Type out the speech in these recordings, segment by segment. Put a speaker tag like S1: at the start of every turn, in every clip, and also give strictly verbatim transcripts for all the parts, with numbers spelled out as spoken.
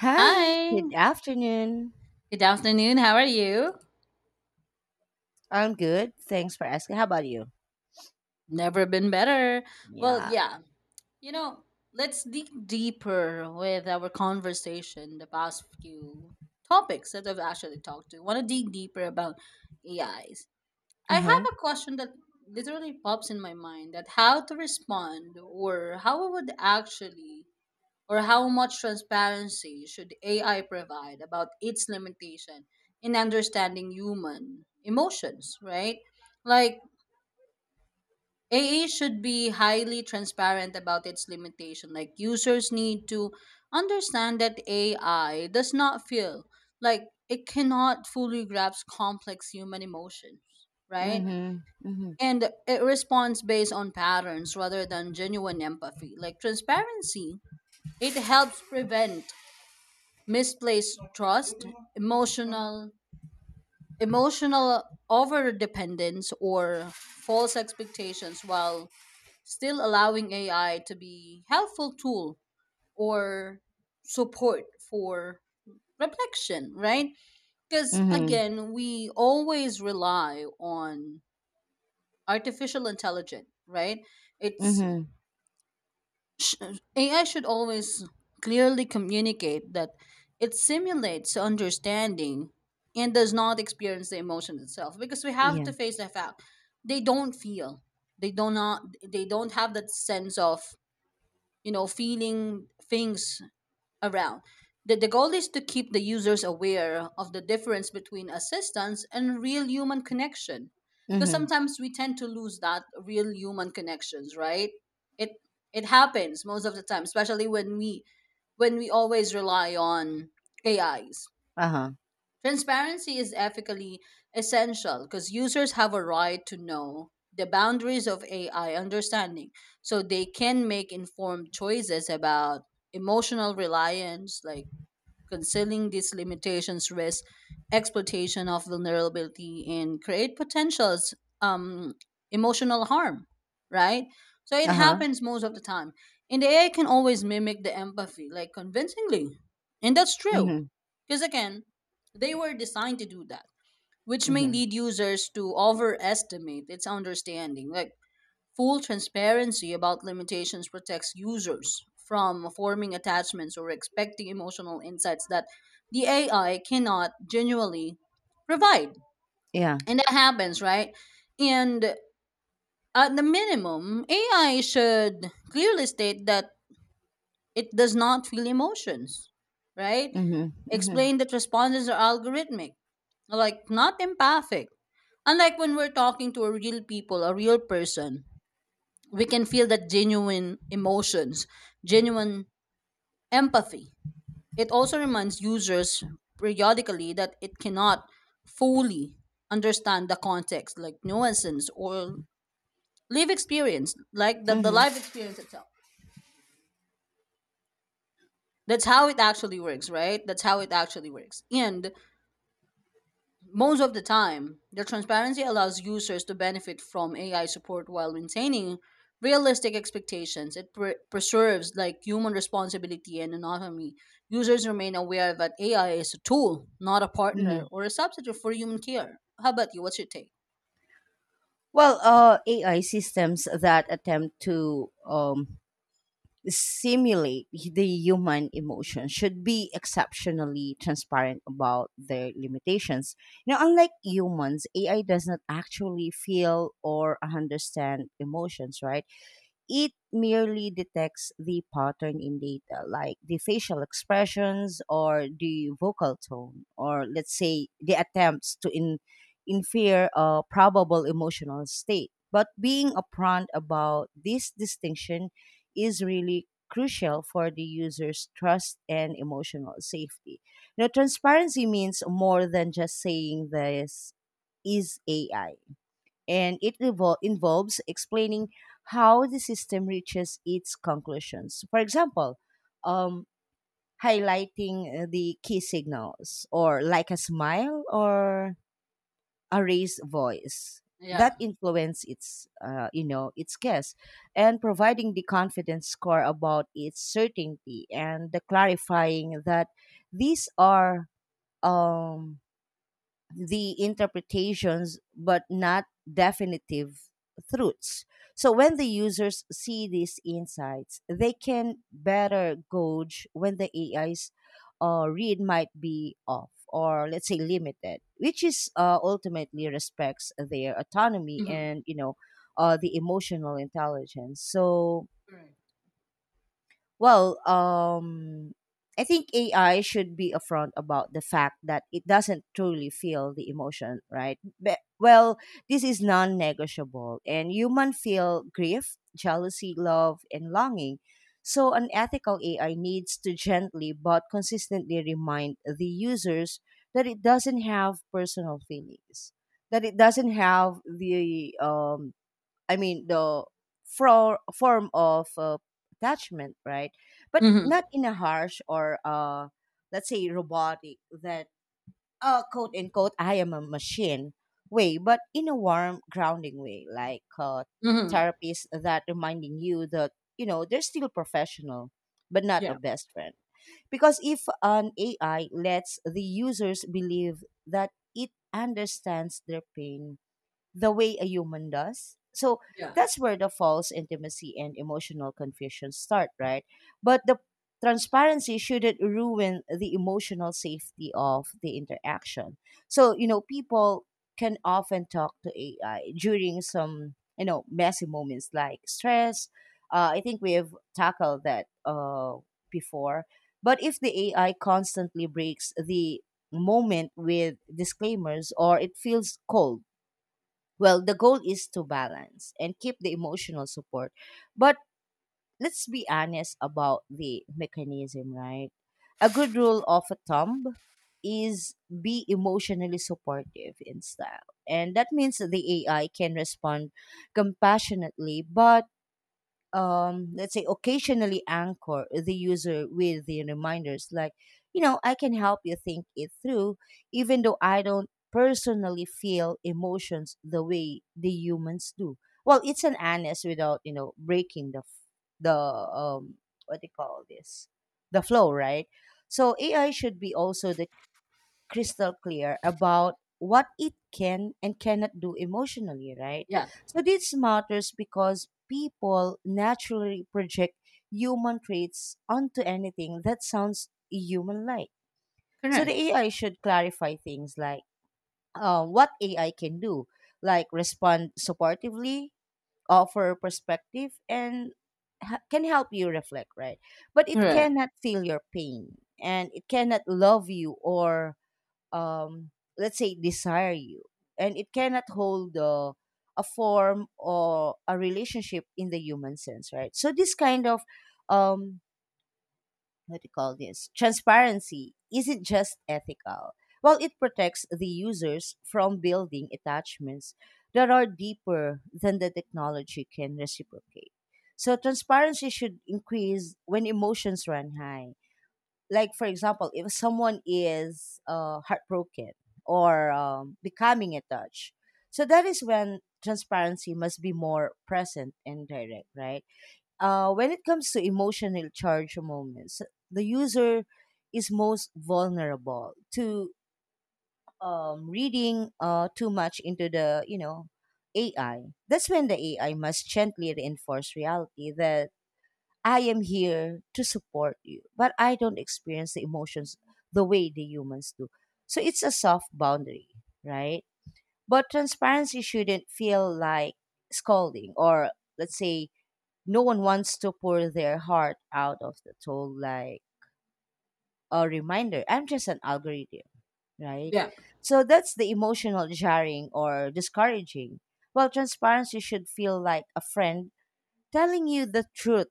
S1: Hi,
S2: Hi.
S1: good afternoon.
S2: Good afternoon. How are you?
S1: I'm good. Thanks for asking. How about you?
S2: Never been better. Well,
S1: Yeah.
S2: yeah. You know, let's dig deeper with our conversation the past few topics that I've actually talked to. Want to dig deeper about A Is. I
S1: Uh huh.
S2: have a question that literally pops in my mind that how to respond or how I would actually or how much transparency should A I provide about its limitation in understanding human emotions, right? Like A I should be highly transparent about its limitation. Like users need to understand that A I does not feel like it cannot fully grasp complex human emotions,
S1: Mm
S2: right?
S1: hmm. Mm hmm.
S2: And it responds based on patterns rather than genuine empathy. Like transparency, it helps prevent misplaced trust, emotional emotional overdependence or false expectations while still allowing A I to be helpful tool or support for reflection, right? Because
S1: Mm
S2: again, we always rely on artificial intelligence. Right?
S1: hmm. Mm
S2: It's
S1: hmm.
S2: Sh- A I should always clearly communicate that it simulates understanding and does not experience the emotion itself because we have
S1: Yeah.
S2: to face the fact they don't feel they do not they don't have that sense of you know feeling things around. The, the goal is to keep the users aware of the difference between assistance and real human connection.
S1: Mm
S2: Because
S1: hmm.
S2: sometimes we tend to lose that real human connections, right? It it happens most of the time, especially when we when we always rely on A Is.
S1: Uh huh.
S2: Transparency is ethically essential because users have a right to know the boundaries of A I understanding so they can make informed choices about emotional reliance. Like, concealing these limitations risks exploitation of vulnerability and create potentials um, emotional harm, right? So it
S1: Uh huh.
S2: happens most of the time. And the A I can always mimic the empathy, like convincingly. And that's true.
S1: Mm
S2: Because again, they were designed to do that, which
S1: hmm. Mm
S2: may
S1: hmm.
S2: lead users to overestimate its understanding. Like, full transparency about limitations protects users from forming attachments or expecting emotional insights that the A I cannot genuinely provide.
S1: Yeah.
S2: And that happens, right? And at the minimum, A I should clearly state that it does not feel emotions, right?
S1: Mm hmm. Mm hmm.
S2: Explain that responses are algorithmic, like not empathic. Unlike when we're talking to a real people, a real person, we can feel that genuine emotions, genuine empathy. It also reminds users periodically that it cannot fully understand the context, like nuances or live experience, like the,
S1: Mm
S2: the
S1: hmm.
S2: life experience itself. That's how it actually works, right? That's how it actually works. And most of the time, the transparency allows users to benefit from A I support while maintaining realistic expectations. It pre- preserves like human responsibility and autonomy. Users remain aware that A I is a tool, not a
S1: Mm
S2: partner
S1: hmm.
S2: or a substitute for human care. How about you? What's your take?
S1: Well, uh, A I systems that attempt to um simulate the human emotion should be exceptionally transparent about their limitations. You know, unlike humans, A I does not actually feel or understand emotions, right? it merely detects the pattern in data, like the facial expressions or the vocal tone, or let's say the attempts to in, infer a probable emotional state. But being upfront about this distinction is really crucial for the user's trust and emotional safety. You know, transparency means more than just saying this is A I, and it revol- involves explaining how the system reaches its conclusions. For example, um, highlighting uh, the key signals, or like a smile or a raised voice
S2: Yeah.
S1: that influence its uh, you know its guess, and providing the confidence score about its certainty, and the clarifying that these are um the interpretations but not definitive truths. So when the users see these insights, they can better gauge when the A I's uh, read might be off or let's say limited, which is uh, ultimately respects their autonomy
S2: Mm-hmm.
S1: and you know uh, the emotional intelligence. So
S2: Correct.
S1: well, um, I think A I should be upfront about the fact that it doesn't truly feel the emotion, right? But, well, this is non negotiable, and human feel grief, jealousy, love, and longing. So, an ethical A I needs to gently but consistently remind the users that it doesn't have personal feelings, that it doesn't have the um, I mean the for, form of uh, attachment, right? But
S2: Mm-hmm.
S1: not in a harsh or uh, let's say robotic, that uh, quote unquote I am a machine way, but in a warm, grounding way, like uh,
S2: Mm-hmm.
S1: therapists that reminding you that you know they're still professional, but not a
S2: Yeah.
S1: best friend. Because if an A I lets the users believe that it understands their pain the way a human does. So
S2: Yeah.
S1: that's where the false intimacy and emotional confusion start, right? But the transparency shouldn't ruin the emotional safety of the interaction. So, you know, people can often talk to A I during some, you know, messy moments like stress. Uh, I think we have tackled that uh, before. But if the A I constantly breaks the moment with disclaimers, or it feels cold, well, the goal is to balance and keep the emotional support. But let's be honest about the mechanism, right? A good rule of a thumb is be emotionally supportive in style. And that means the A I can respond compassionately, but um, let's say occasionally anchor the user with the reminders like, you know i can help you think it through, even though i don't personally feel emotions the way the humans do. Well, it's an honest without you know breaking the f- the um what do you call this, the flow, right? So AI should be also the crystal clear about what it can and cannot do emotionally, right?
S2: Yeah.
S1: So this matters because people naturally project human traits onto anything that sounds human like. So the
S2: Correct.
S1: A I should clarify things like, uh, what A I can do, like respond supportively, offer perspective, and ha- can help you reflect, right? But it
S2: Correct.
S1: cannot feel your pain, and it cannot love you or, um, let's say, desire you, and it cannot hold uh, a form or a relationship in the human sense, right? So this kind of, um what do you call this, transparency isn't just ethical. Well, it protects the users from building attachments that are deeper than the technology can reciprocate. So transparency should increase when emotions run high, like, for example, if someone is uh, heartbroken or um, becoming attached. So that is when transparency must be more present and direct, right? Uh, when it comes to emotional charge moments, the user is most vulnerable to, um, reading uh, too much into the, you know AI. That's when the AI must gently reinforce reality that I am here to support you, but I don't experience the emotions the way the humans do. So it's a soft boundary, right? But transparency shouldn't feel like scolding or, let's say, no one wants to pour their heart out of the toll like a reminder. I'm just an algorithm, right?
S2: Yeah.
S1: So that's the emotional jarring or discouraging. Well, transparency should feel like a friend telling you the truth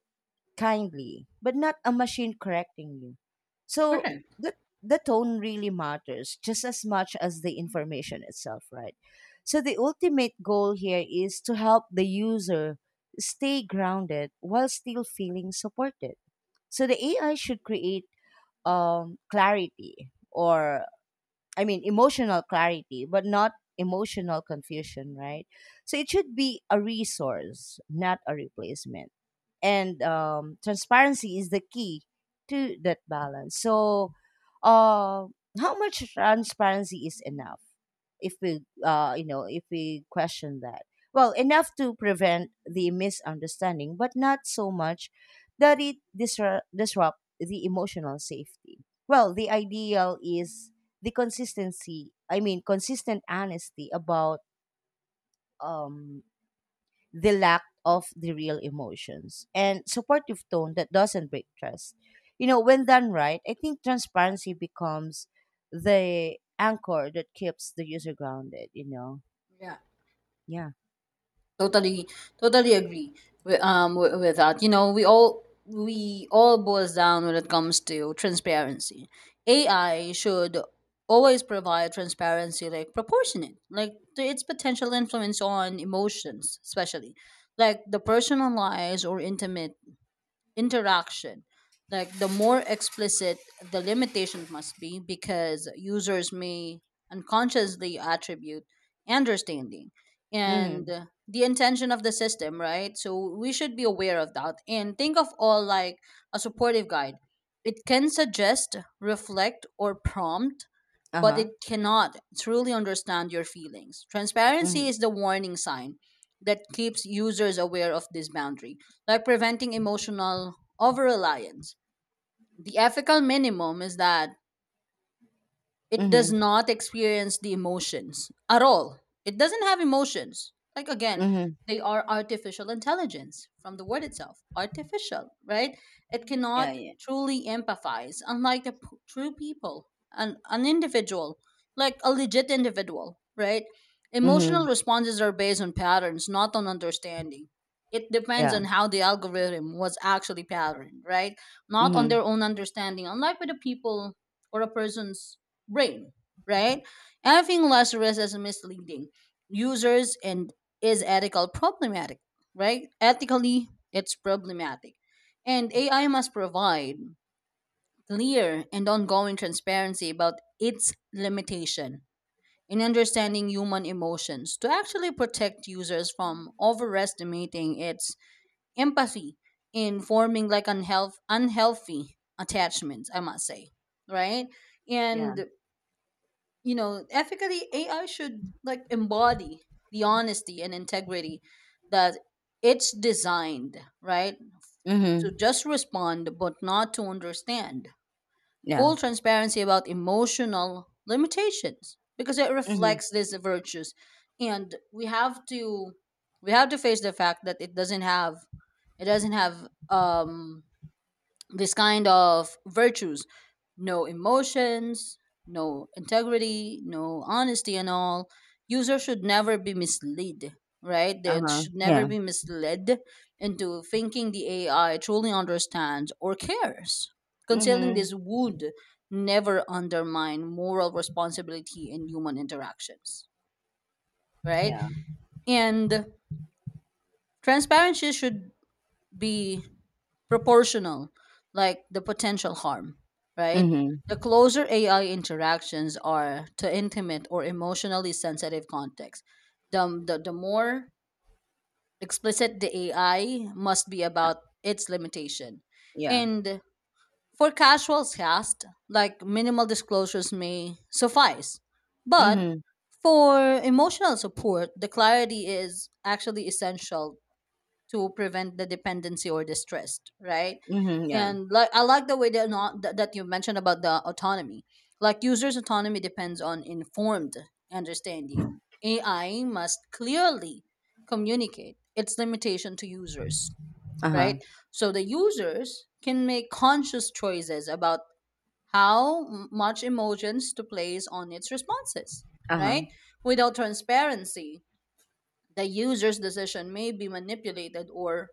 S1: kindly, but not a machine correcting you. So
S2: Correct.
S1: the the tone really matters just as much as the information itself, right? So the ultimate goal here is to help the user stay grounded while still feeling supported. So the A I should create um, clarity, or I mean emotional clarity, but not emotional confusion, right? So it should be a resource, not a replacement, and um, transparency is the key to that balance. So, uh, how much transparency is enough? If we, uh, you know, if we question that, well, enough to prevent the misunderstanding, but not so much that it disrupt disrupt the emotional safety. Well, the ideal is the consistency. I mean, consistent honesty about um the lack of the real emotions, and supportive tone that doesn't break trust. You know, when done right, I think transparency becomes the anchor that keeps the user grounded, you know.
S2: Yeah.
S1: Yeah.
S2: Totally, totally agree with, um, with, with that. You know, we all we all boils down when it comes to transparency. A I should always provide transparency, like proportionate, like to its potential influence on emotions, especially like the personalized or intimate interaction. Like, the more explicit the limitations must be because users may unconsciously attribute understanding and
S1: Mhm.
S2: the intention of the system, right? So we should be aware of that and think of all like a supportive guide. It can suggest, reflect, or prompt, but it
S1: Uh-huh.
S2: cannot truly understand your feelings. Transparency
S1: Mhm.
S2: is the warning sign that keeps users aware of this boundary, like preventing emotional over reliance. The ethical minimum is that it does
S1: Mhm.
S2: not experience the emotions at all. It doesn't have emotions. Like again,
S1: Mhm.
S2: they are artificial intelligence from the word itself, artificial, right? It
S1: Yeah,
S2: cannot
S1: yeah.
S2: truly empathize, unlike the p- true people, an, an individual, like a legit individual, right? Emotional
S1: Mhm.
S2: responses are based on patterns, not on understanding. It depends
S1: Yeah.
S2: on how the algorithm was actually patterned, right? Not on their
S1: Mhm.
S2: own understanding, unlike with a people or a person's brain, right? Having Lazarus is misleading users and is ethical problematic, right? Ethically, it's problematic. And A I must provide clear and ongoing transparency about its limitation in understanding human emotions to actually protect users from overestimating its empathy in forming like unhealth, unhealthy attachments, I must say, right?
S1: Yeah.
S2: And you know, ethically, A I should like embody the honesty and integrity that it's designed, right? To
S1: Mhm.
S2: just respond, but not to understand.
S1: Yeah.
S2: Full transparency about emotional limitations because it
S1: Mhm.
S2: reflects these virtues. And we have to we have to face the fact that it doesn't have it doesn't have um this kind of virtues, no emotions, no integrity, no honesty, and all. User should never be misled, right? they
S1: Uh-huh.
S2: should never
S1: Yeah.
S2: be misled into thinking the AI truly understands or cares. Concealing
S1: Mhm.
S2: this would never undermine moral responsibility in human interactions, right?
S1: Yeah.
S2: And transparency should be proportional, like the potential harm, right?
S1: Mhm.
S2: The closer A I interactions are to intimate or emotionally sensitive contexts, the, the, the more explicit the A I must be
S1: Uh,
S2: about its limitation.
S1: Yeah.
S2: And for casual tasks, like minimal disclosures may suffice. But
S1: Mhm.
S2: for emotional support, the clarity is actually essential to prevent the dependency or the stress, right?
S1: Mhm. Yeah.
S2: And like I like the way that not, that that you mentioned about the autonomy. Like, users' autonomy depends on informed understanding. A I must clearly communicate its limitation to users,
S1: Uh-huh.
S2: right? So the users can make conscious choices about how m- much emotions to place on its responses,
S1: Uh-huh.
S2: right? Without transparency, the user's decision may be manipulated or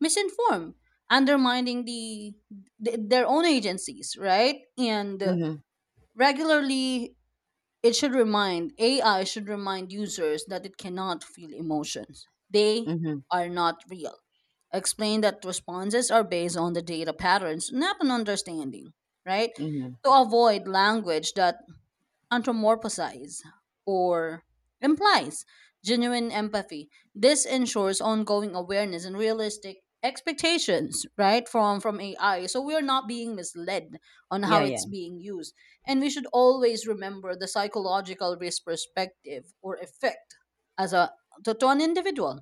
S2: misinformed, undermining the, th- their own agencies, right? And
S1: Mhm.
S2: regularly, it should remind A I should remind users that it cannot feel emotions. They
S1: Mhm.
S2: are not real. Explain that responses are based on the data patterns, not an understanding, right?
S1: Mhm.
S2: To avoid language that anthropomorphize or implies genuine empathy. This ensures ongoing awareness and realistic expectations, right, from from A I. So we are not being misled on how
S1: Yeah,
S2: it's
S1: yeah.
S2: being used. And we should always remember the psychological risk perspective or effect as a to, to an individual.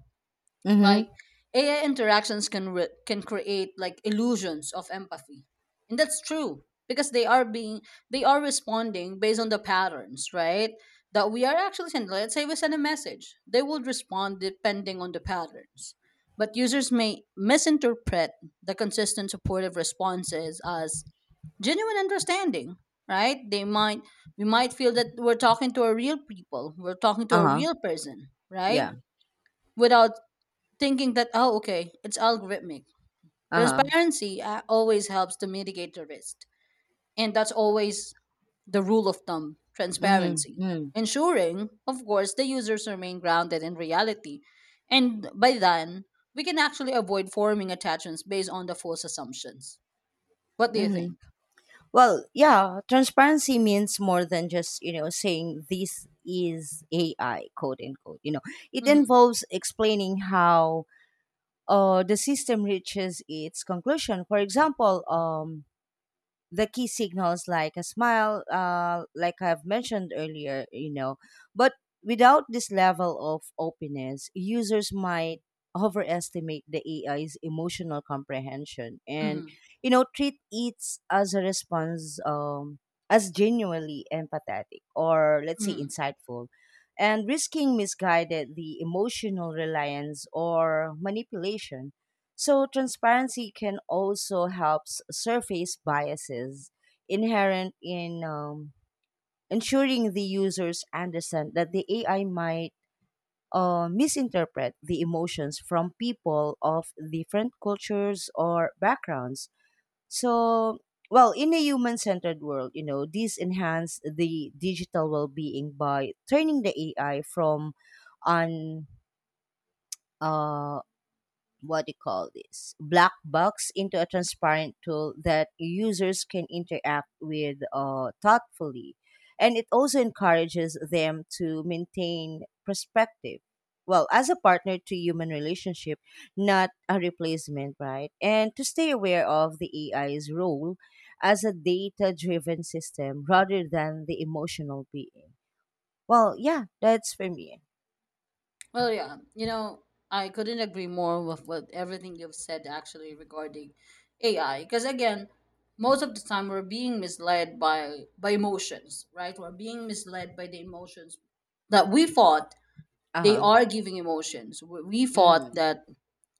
S2: Like,
S1: Mhm.
S2: A I interactions can re- can create like illusions of empathy, and that's true because they are being they are responding based on the patterns, right? That we are actually sending. Let's say we send a message, they will respond depending on the patterns. But users may misinterpret the consistent supportive responses as genuine understanding, right? They might we might feel that we're talking to a real people, we're talking to a
S1: Uh-huh.
S2: real person, right?
S1: Yeah.
S2: Without thinking that, oh, okay, it's algorithmic.
S1: Uh-huh.
S2: Transparency uh, always helps to mitigate the risk. And that's always the rule of thumb
S1: Mm-hmm.
S2: transparency.
S1: Mm.
S2: Ensuring, of course, the users remain grounded in reality. And by then, we can actually avoid forming attachments based on the false assumptions. What do you
S1: Mm-hmm.
S2: think?
S1: Well, yeah, transparency means more than just, you know, saying this is A I, quote unquote. You know, it
S2: Mm-hmm,
S1: involves explaining how uh, the system reaches its conclusion. For example, um, the key signals like a smile, uh, like I've mentioned earlier, you know. But without this level of openness, users might overestimate the A I's emotional comprehension and,
S2: mm-hmm,
S1: you know, treat it as a response, um, as genuinely empathetic or, let's say,
S2: mm-hmm.
S1: insightful. And risking misguided the emotional reliance or manipulation. So transparency can also help s- surface biases inherent in, um, ensuring the users understand that the A I might uh, misinterpret the emotions from people of different cultures or backgrounds. So, well, in a human-centered world, you know, these enhance the digital well-being by turning the A I from an, uh, what do you call this, black box into a transparent tool that users can interact with uh, thoughtfully, and it also encourages them to maintain perspective well as a partner to human relationship, not a replacement, right? And to stay aware of the ai's role as a data driven system rather than the emotional being. Well, yeah, that's for me.
S2: Well, yeah, you know, I couldn't agree more with what everything you've said actually regarding A I. Because again, most of the time we're being misled by by emotions, right? We're being misled by the emotions that we thought they
S1: Uh-huh.
S2: are giving emotions. We we thought
S1: Mm-hmm.
S2: that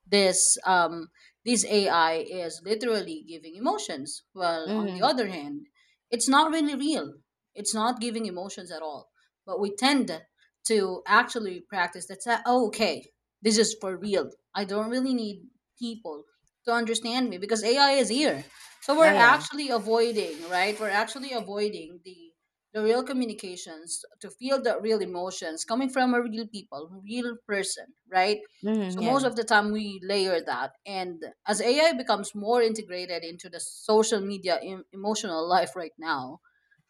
S2: this um, this A I is literally giving emotions. Well, on the
S1: Mm-hmm.
S2: other hand, it's not really real. It's not giving emotions at all. But we tend to actually practice that's that. Sa- Oh, okay, this is for real. I don't really need people to understand me because A I is here. So
S1: oh
S2: we're
S1: yeah.
S2: actually avoiding, right? We're actually avoiding the the real communications to feel the real emotions coming from a real people, real person, right?
S1: Mm-hmm.
S2: So
S1: Yeah.
S2: most of the time we layer that. And as A I becomes more integrated into the social media em- emotional life right now,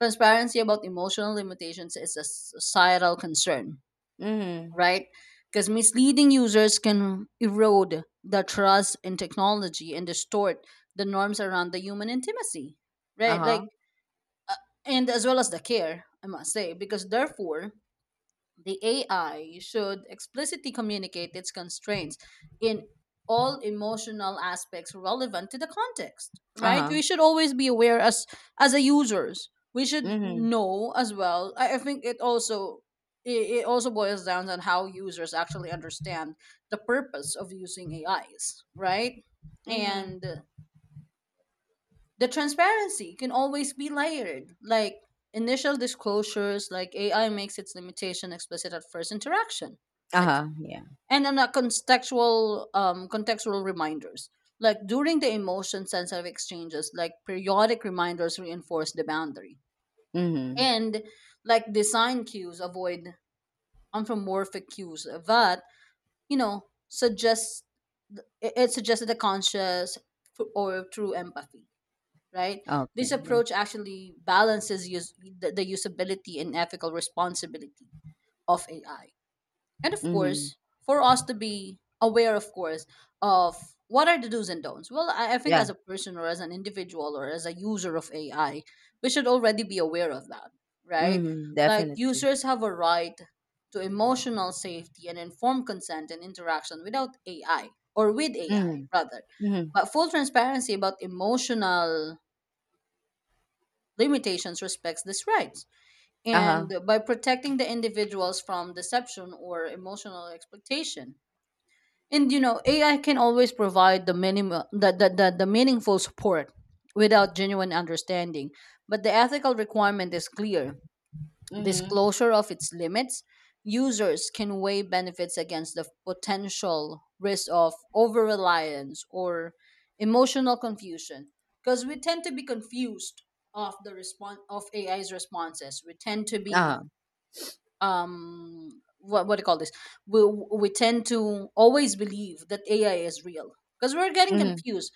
S2: transparency about emotional limitations is a societal concern,
S1: Mm-hmm.
S2: right? Because misleading users can erode the trust in technology and distort the norms around the human intimacy, right? Like,
S1: Uh-huh,
S2: and as well as the care, I must say, because therefore, the A I should explicitly communicate its constraints in all emotional aspects relevant to the context, right?
S1: uh-huh.
S2: We should always be aware as as a users. We should
S1: Mhm,
S2: know as well. I, I think it also it, it also boils down on how users actually understand the purpose of using A Is, right? And
S1: mhm.
S2: the transparency can always be layered, like initial disclosures, like AI makes its limitation explicit at first interaction, like,
S1: Uh-huh, yeah.
S2: and then a contextual um contextual reminders, like during the emotion sensitive exchanges, like periodic reminders reinforce the boundary.
S1: Mhm.
S2: And like, design cues avoid anthropomorphic cues that you know suggests it it suggests the conscious f- or through empathy, right? This
S1: Okay, yeah.
S2: approach actually balances use, the, the usability and ethical responsibility of A I. And of
S1: Mhm.
S2: course, for us to be aware, of course, of what are the do's and don'ts. Well, I, I think
S1: Yeah.
S2: as a person or as an individual or as a user of A I, we should already be aware of that, right?
S1: Mhm,
S2: Like,
S1: definitely.
S2: users have a right to emotional safety and informed consent and interaction without A I or with A I
S1: Mhm,
S2: rather.
S1: mhm.
S2: But full transparency about emotional limitations respects these rights and
S1: Uh-huh.
S2: by protecting the individuals from deception or emotional exploitation. And you know ai can always provide the minimum the, the, the, the meaningful support without genuine understanding, but the ethical requirement is clear
S1: Mhm.
S2: disclosure of its limits. Users can weigh benefits against the potential risk of over reliance or emotional confusion. Because we tend to be confused of the response of A I's responses. We tend to be
S1: Uh-huh.
S2: um what what do you call this? We we tend to always believe that A I is real because we're getting
S1: Mhm.
S2: confused,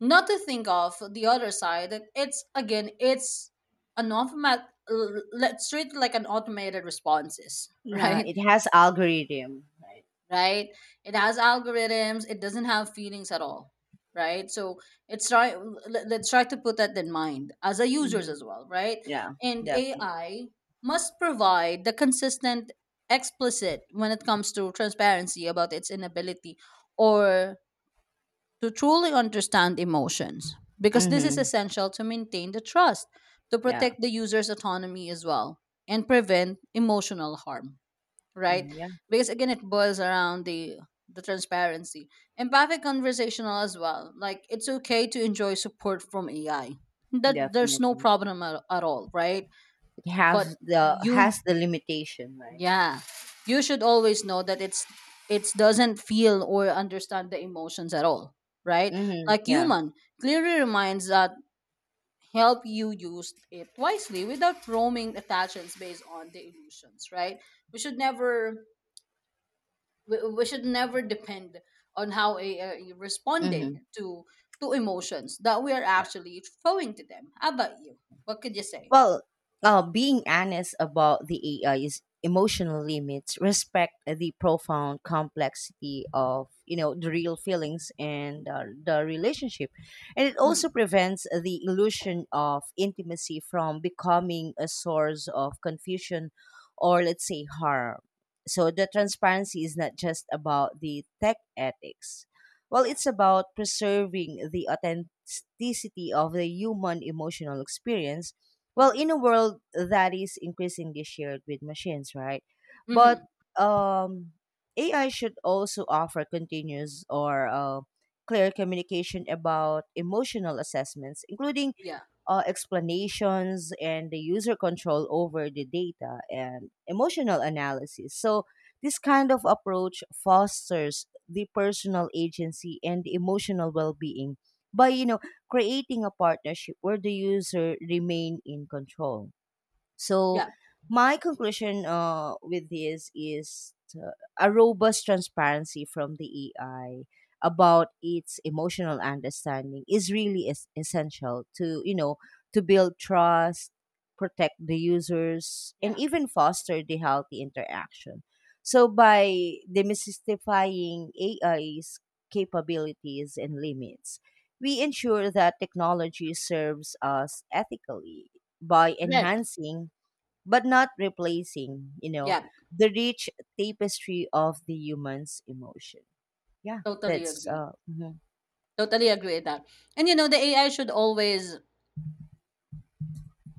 S2: not to think of the other side that it's again it's an automat l- let's treat it like an automated responses
S1: Yeah,
S2: right.
S1: it has algorithm, right?
S2: Right, it has algorithms, it doesn't have feelings at all, right? So it's try let- let's try to put that in mind as a users
S1: Mhm.
S2: as well, right?
S1: Yeah,
S2: And
S1: definitely.
S2: ai must provide the consistent, explicit when it comes to transparency about its inability or to truly understand emotions, because this is
S1: Mhm.
S2: essential to maintain the trust, to
S1: Yeah.
S2: protect the user's autonomy as well, and prevent emotional harm, right?
S1: Mhm, Yeah,
S2: Because again, it boils around the the transparency. Empathic conversational as well. Like it's okay to enjoy support from A I. That there's no
S1: definitely.
S2: problem at, at all, right?
S1: It
S2: But
S1: has the
S2: you
S1: has the limitation, right?
S2: yeah. You should always know that it's it doesn't feel or understand the emotions at all, right?
S1: Mhm.
S2: Like
S1: Yeah.
S2: human, clearly reminds that help you use it wisely without roaming attachments based on the illusions, right? We should never, we, we should never depend on how a, a responded
S1: Mhm.
S2: to to emotions that we are actually throwing to them. How about you? What could you say?
S1: Well, uh, being honest about the A I is emotional limits, respect the profound complexity of, you know the real feelings, and uh, the relationship, and it also
S2: Mm,
S1: prevents the illusion of intimacy from becoming a source of confusion, or let's say harm. So the transparency is not just about the tech ethics. Well,
S2: yeah.
S1: it's about preserving the authenticity of the human emotional experience, well, in a
S2: Mm-hmm.
S1: world that is increasingly shared with machines, right? But
S2: Mm-hmm.
S1: um AI should also offer continuous or, uh, clear communication about emotional assessments, including,
S2: Yeah.
S1: uh, explanations, and the user control over the data and emotional analysis. So, this kind of approach fosters the personal agency and emotional well-being by, you know creating a partnership where the user remain in control. So,
S2: Yeah.
S1: my conclusion uh, with this is uh, a robust transparency from the A I about its emotional understanding is really es- essential, to you know to build trust, protect the users, and
S2: Yeah.
S1: even foster the healthy interaction. So, by demystifying A I's capabilities and limits, we ensure that technology serves us ethically, by
S2: Correct.
S1: enhancing but not replacing, you know,
S2: Yeah.
S1: the rich tapestry of the human's emotion. Yeah,
S2: Totally
S1: that's
S2: agree.
S1: uh mhm.
S2: Totally agree with that. And you know, the A I should always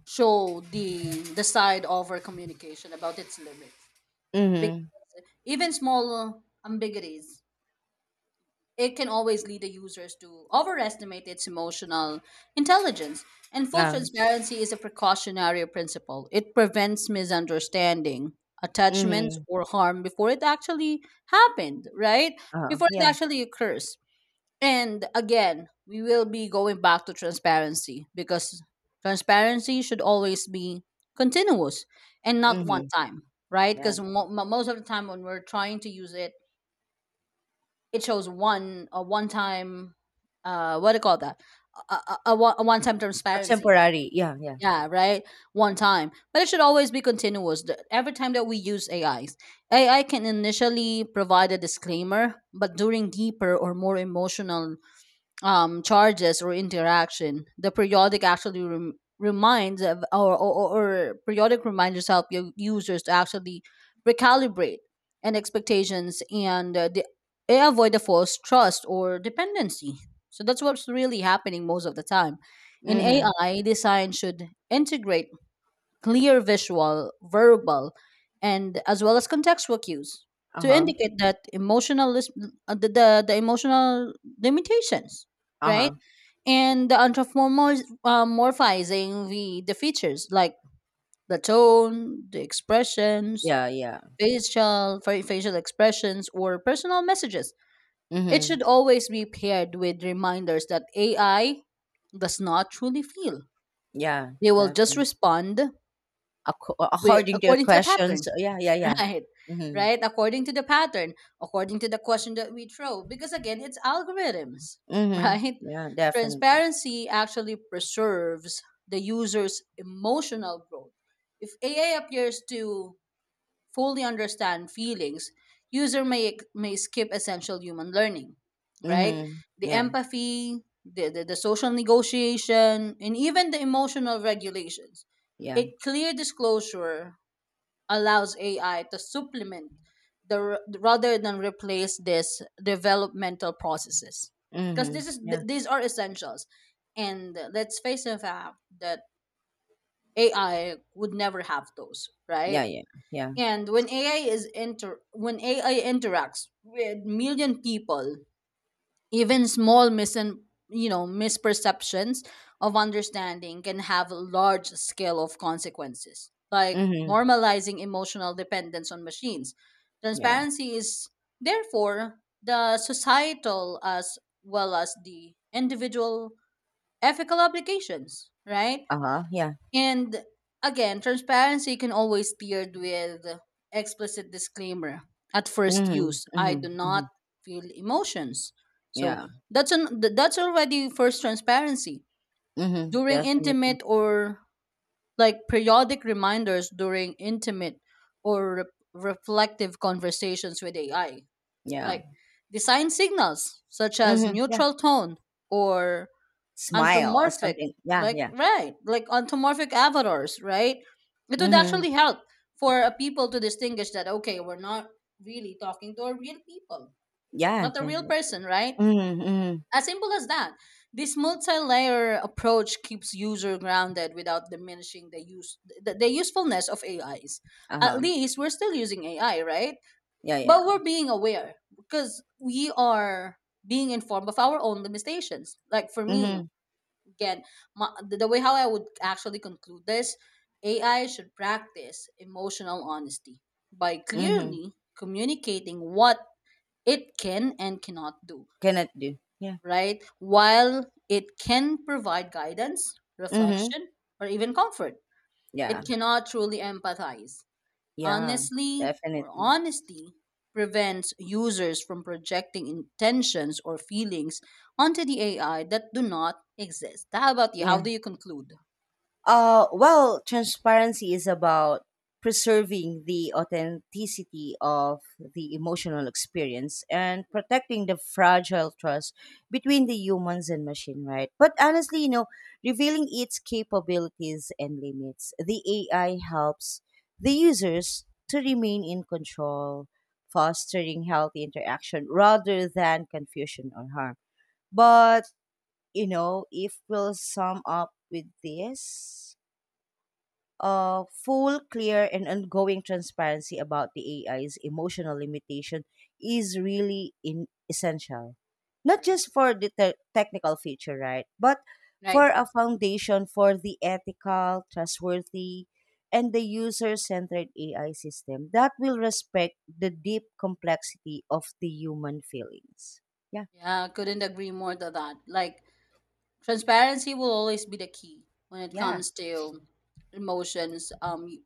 S2: show the the side over communication about its limits.
S1: Mhm.
S2: Because even small ambiguities, it can always lead the users to overestimate its emotional intelligence. And full
S1: Uh,
S2: transparency is a precautionary principle. It prevents misunderstanding, attachments,
S1: mhm.
S2: or harm before it actually happened, right?
S1: Uh,
S2: Before it
S1: yeah.
S2: actually occurs. And again, we will be going back to transparency because transparency should always be continuous and not one
S1: Mhm.
S2: time, right?
S1: Yeah.
S2: Because mo- mo- most of the time when we're trying to use it, it shows one a one time, uh, what do you call that? A, a, a, one- a one time
S1: A
S2: transparency.
S1: temporary. Yeah, yeah.
S2: Yeah, right. One time, but it should always be continuous. The- Every time that we use A Is, A I can initially provide a disclaimer, but during deeper or more emotional um, charges or interaction. The periodic actually rem- reminds of, or, or, or periodic reminders help u- users to actually recalibrate and expectations and uh, the, eh, avoid the false trust or dependency. So that's what's really happening most of the time. In
S1: Mhm.
S2: A I, design should integrate clear visual, verbal, and as well as contextual cues to
S1: Uh-huh.
S2: indicate that emotional lis- uh, the, the, the emotional limitations, right?
S1: Uh-huh.
S2: And the anthropomorphizing uh, morphizing the the features like the tone, the expressions,
S1: Yeah, yeah.
S2: facial fa- facial expressions, or personal messages. It
S1: Mhm.
S2: should always be paired with reminders that A I does not truly feel.
S1: Yeah,
S2: They will just
S1: definitely.
S2: respond
S1: Acco-
S2: with
S1: according to your
S2: according to the pattern.
S1: questions. uh, Yeah, yeah, yeah.
S2: Right.
S1: Mhm.
S2: Right. According to the pattern, according to the question that we throw, because again, it's algorithms,
S1: Mhm.
S2: right?
S1: Yeah, definitely.
S2: Transparency actually preserves the user's emotional growth. If A I appears to fully understand feelings, user may may skip essential human learning, right?
S1: Mhm.
S2: The
S1: Yeah.
S2: empathy, the, the, the social negotiation, and even the emotional regulations.
S1: Yeah.
S2: A clear disclosure allows A I to supplement the r- rather than replace this developmental processes, because
S1: Mhm.
S2: this is th-
S1: Yeah.
S2: these are essentials, and let's face the fact that A I would never have those,
S1: Yeah,
S2: right?
S1: yeah. Yeah.
S2: And when A I is inter when A I interacts with million people, even small misin you know misperceptions of understanding can have large scale of consequences, like
S1: Mhm.
S2: normalizing emotional dependence on machines.
S1: Yeah.
S2: Transparency is therefore the societal as well as the individual ethical obligations, right?
S1: Uh-huh. Yeah.
S2: And again, transparency can always paired with explicit disclaimer. At first
S1: Mhm,
S2: use, I
S1: mhm,
S2: do
S1: mhm.
S2: not feel emotions. So
S1: Yeah.
S2: that's an th- that's already first transparency.
S1: Mhm,
S2: During
S1: definitely.
S2: intimate or like periodic reminders during intimate or re- reflective conversations with A I,
S1: Yeah.
S2: like design signals such as
S1: Mhm, yeah.
S2: neutral tone or
S1: Smile or
S2: anthropomorphic,
S1: something. Yeah,
S2: like
S1: yeah.
S2: right like anthropomorphic avatars, right? It would
S1: Mhm.
S2: actually help for uh, people to distinguish that okay, we're not really talking to a real people,
S1: Yeah,
S2: not a real
S1: definitely.
S2: person, right?
S1: Mhm, mhm.
S2: As simple as that. This multi-layer approach keeps user grounded without diminishing the use the, the usefulness of ais. At
S1: Uh-huh.
S2: least we're still using ai, right?
S1: Yeah, yeah.
S2: But we're being aware because we are being informed of our own limitations. Like for me,
S1: Mhm,
S2: again, my, the, the way how I would actually conclude this, ai should practice emotional honesty by
S1: mhm.
S2: clearly communicating what it can and cannot do,
S1: Cannot do. Yeah.
S2: right? While it can provide guidance,
S1: Mhm.
S2: reflection, or even comfort, it
S1: Yeah.
S2: cannot truly empathize.
S1: Yeah.
S2: Honestly, or
S1: Definitely.
S2: honesty prevents users from projecting intentions or feelings onto the ai that do not exist. How about you? How do
S1: Yeah.
S2: you conclude?
S1: Uh, well, transparency is about preserving the authenticity of the emotional experience and protecting the fragile trust between the humans and machine, right? But honestly, you know, revealing its capabilities and limits, the A I helps the users to remain in control, fostering healthy interaction rather than confusion or harm. But, you know, if we'll sum up with this, uh, full, clear, and ongoing transparency about the A I's emotional limitation is really in- essential. Not
S2: Correct.
S1: just for the te- technical feature, right? But for
S2: Right.
S1: a foundation for the ethical, trustworthy, and the user centered A I system that will respect the deep complexity of the human feelings. Yeah.
S2: Yeah, couldn't agree more to that. Like transparency will always be the key when it
S1: Yeah.
S2: comes to emotions. Um,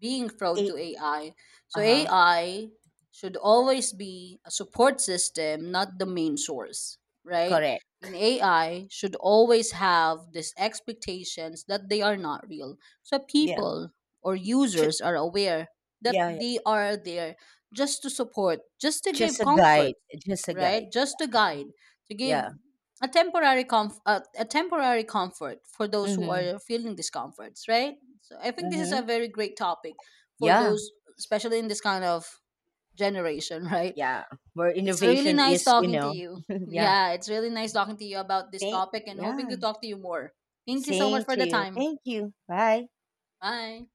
S2: being fraud
S1: A-
S2: to A I. So
S1: uh-huh.
S2: A I should always be a support system, not the main source, right?
S1: Correct.
S2: And A I should always have these expectations that they are not real. So
S1: Yeah.
S2: people or
S1: Should,
S2: users are aware that
S1: yeah, yeah.
S2: they are there just to support, just to
S1: Just
S2: give
S1: a
S2: comfort,
S1: guide. Just a
S2: right?
S1: guide.
S2: Just to guide, to give
S1: Yeah.
S2: a temporary comf- a, a temporary comfort for those who
S1: Mhm.
S2: are feeling discomforts, right? So I think this is a
S1: Mhm.
S2: very great topic for
S1: Yeah.
S2: those, especially in this kind of generation, right?
S1: Yeah. Where
S2: It's really
S1: innovation
S2: nice
S1: is, you
S2: talking to
S1: know.
S2: you.
S1: Yeah.
S2: Yeah, it's really nice talking to you about this
S1: Thank.
S2: topic and hoping
S1: Yeah.
S2: to talk to you more. Thank you so much
S1: Same
S2: for
S1: to
S2: the
S1: you.
S2: time.
S1: Thank you. Bye.
S2: Bye.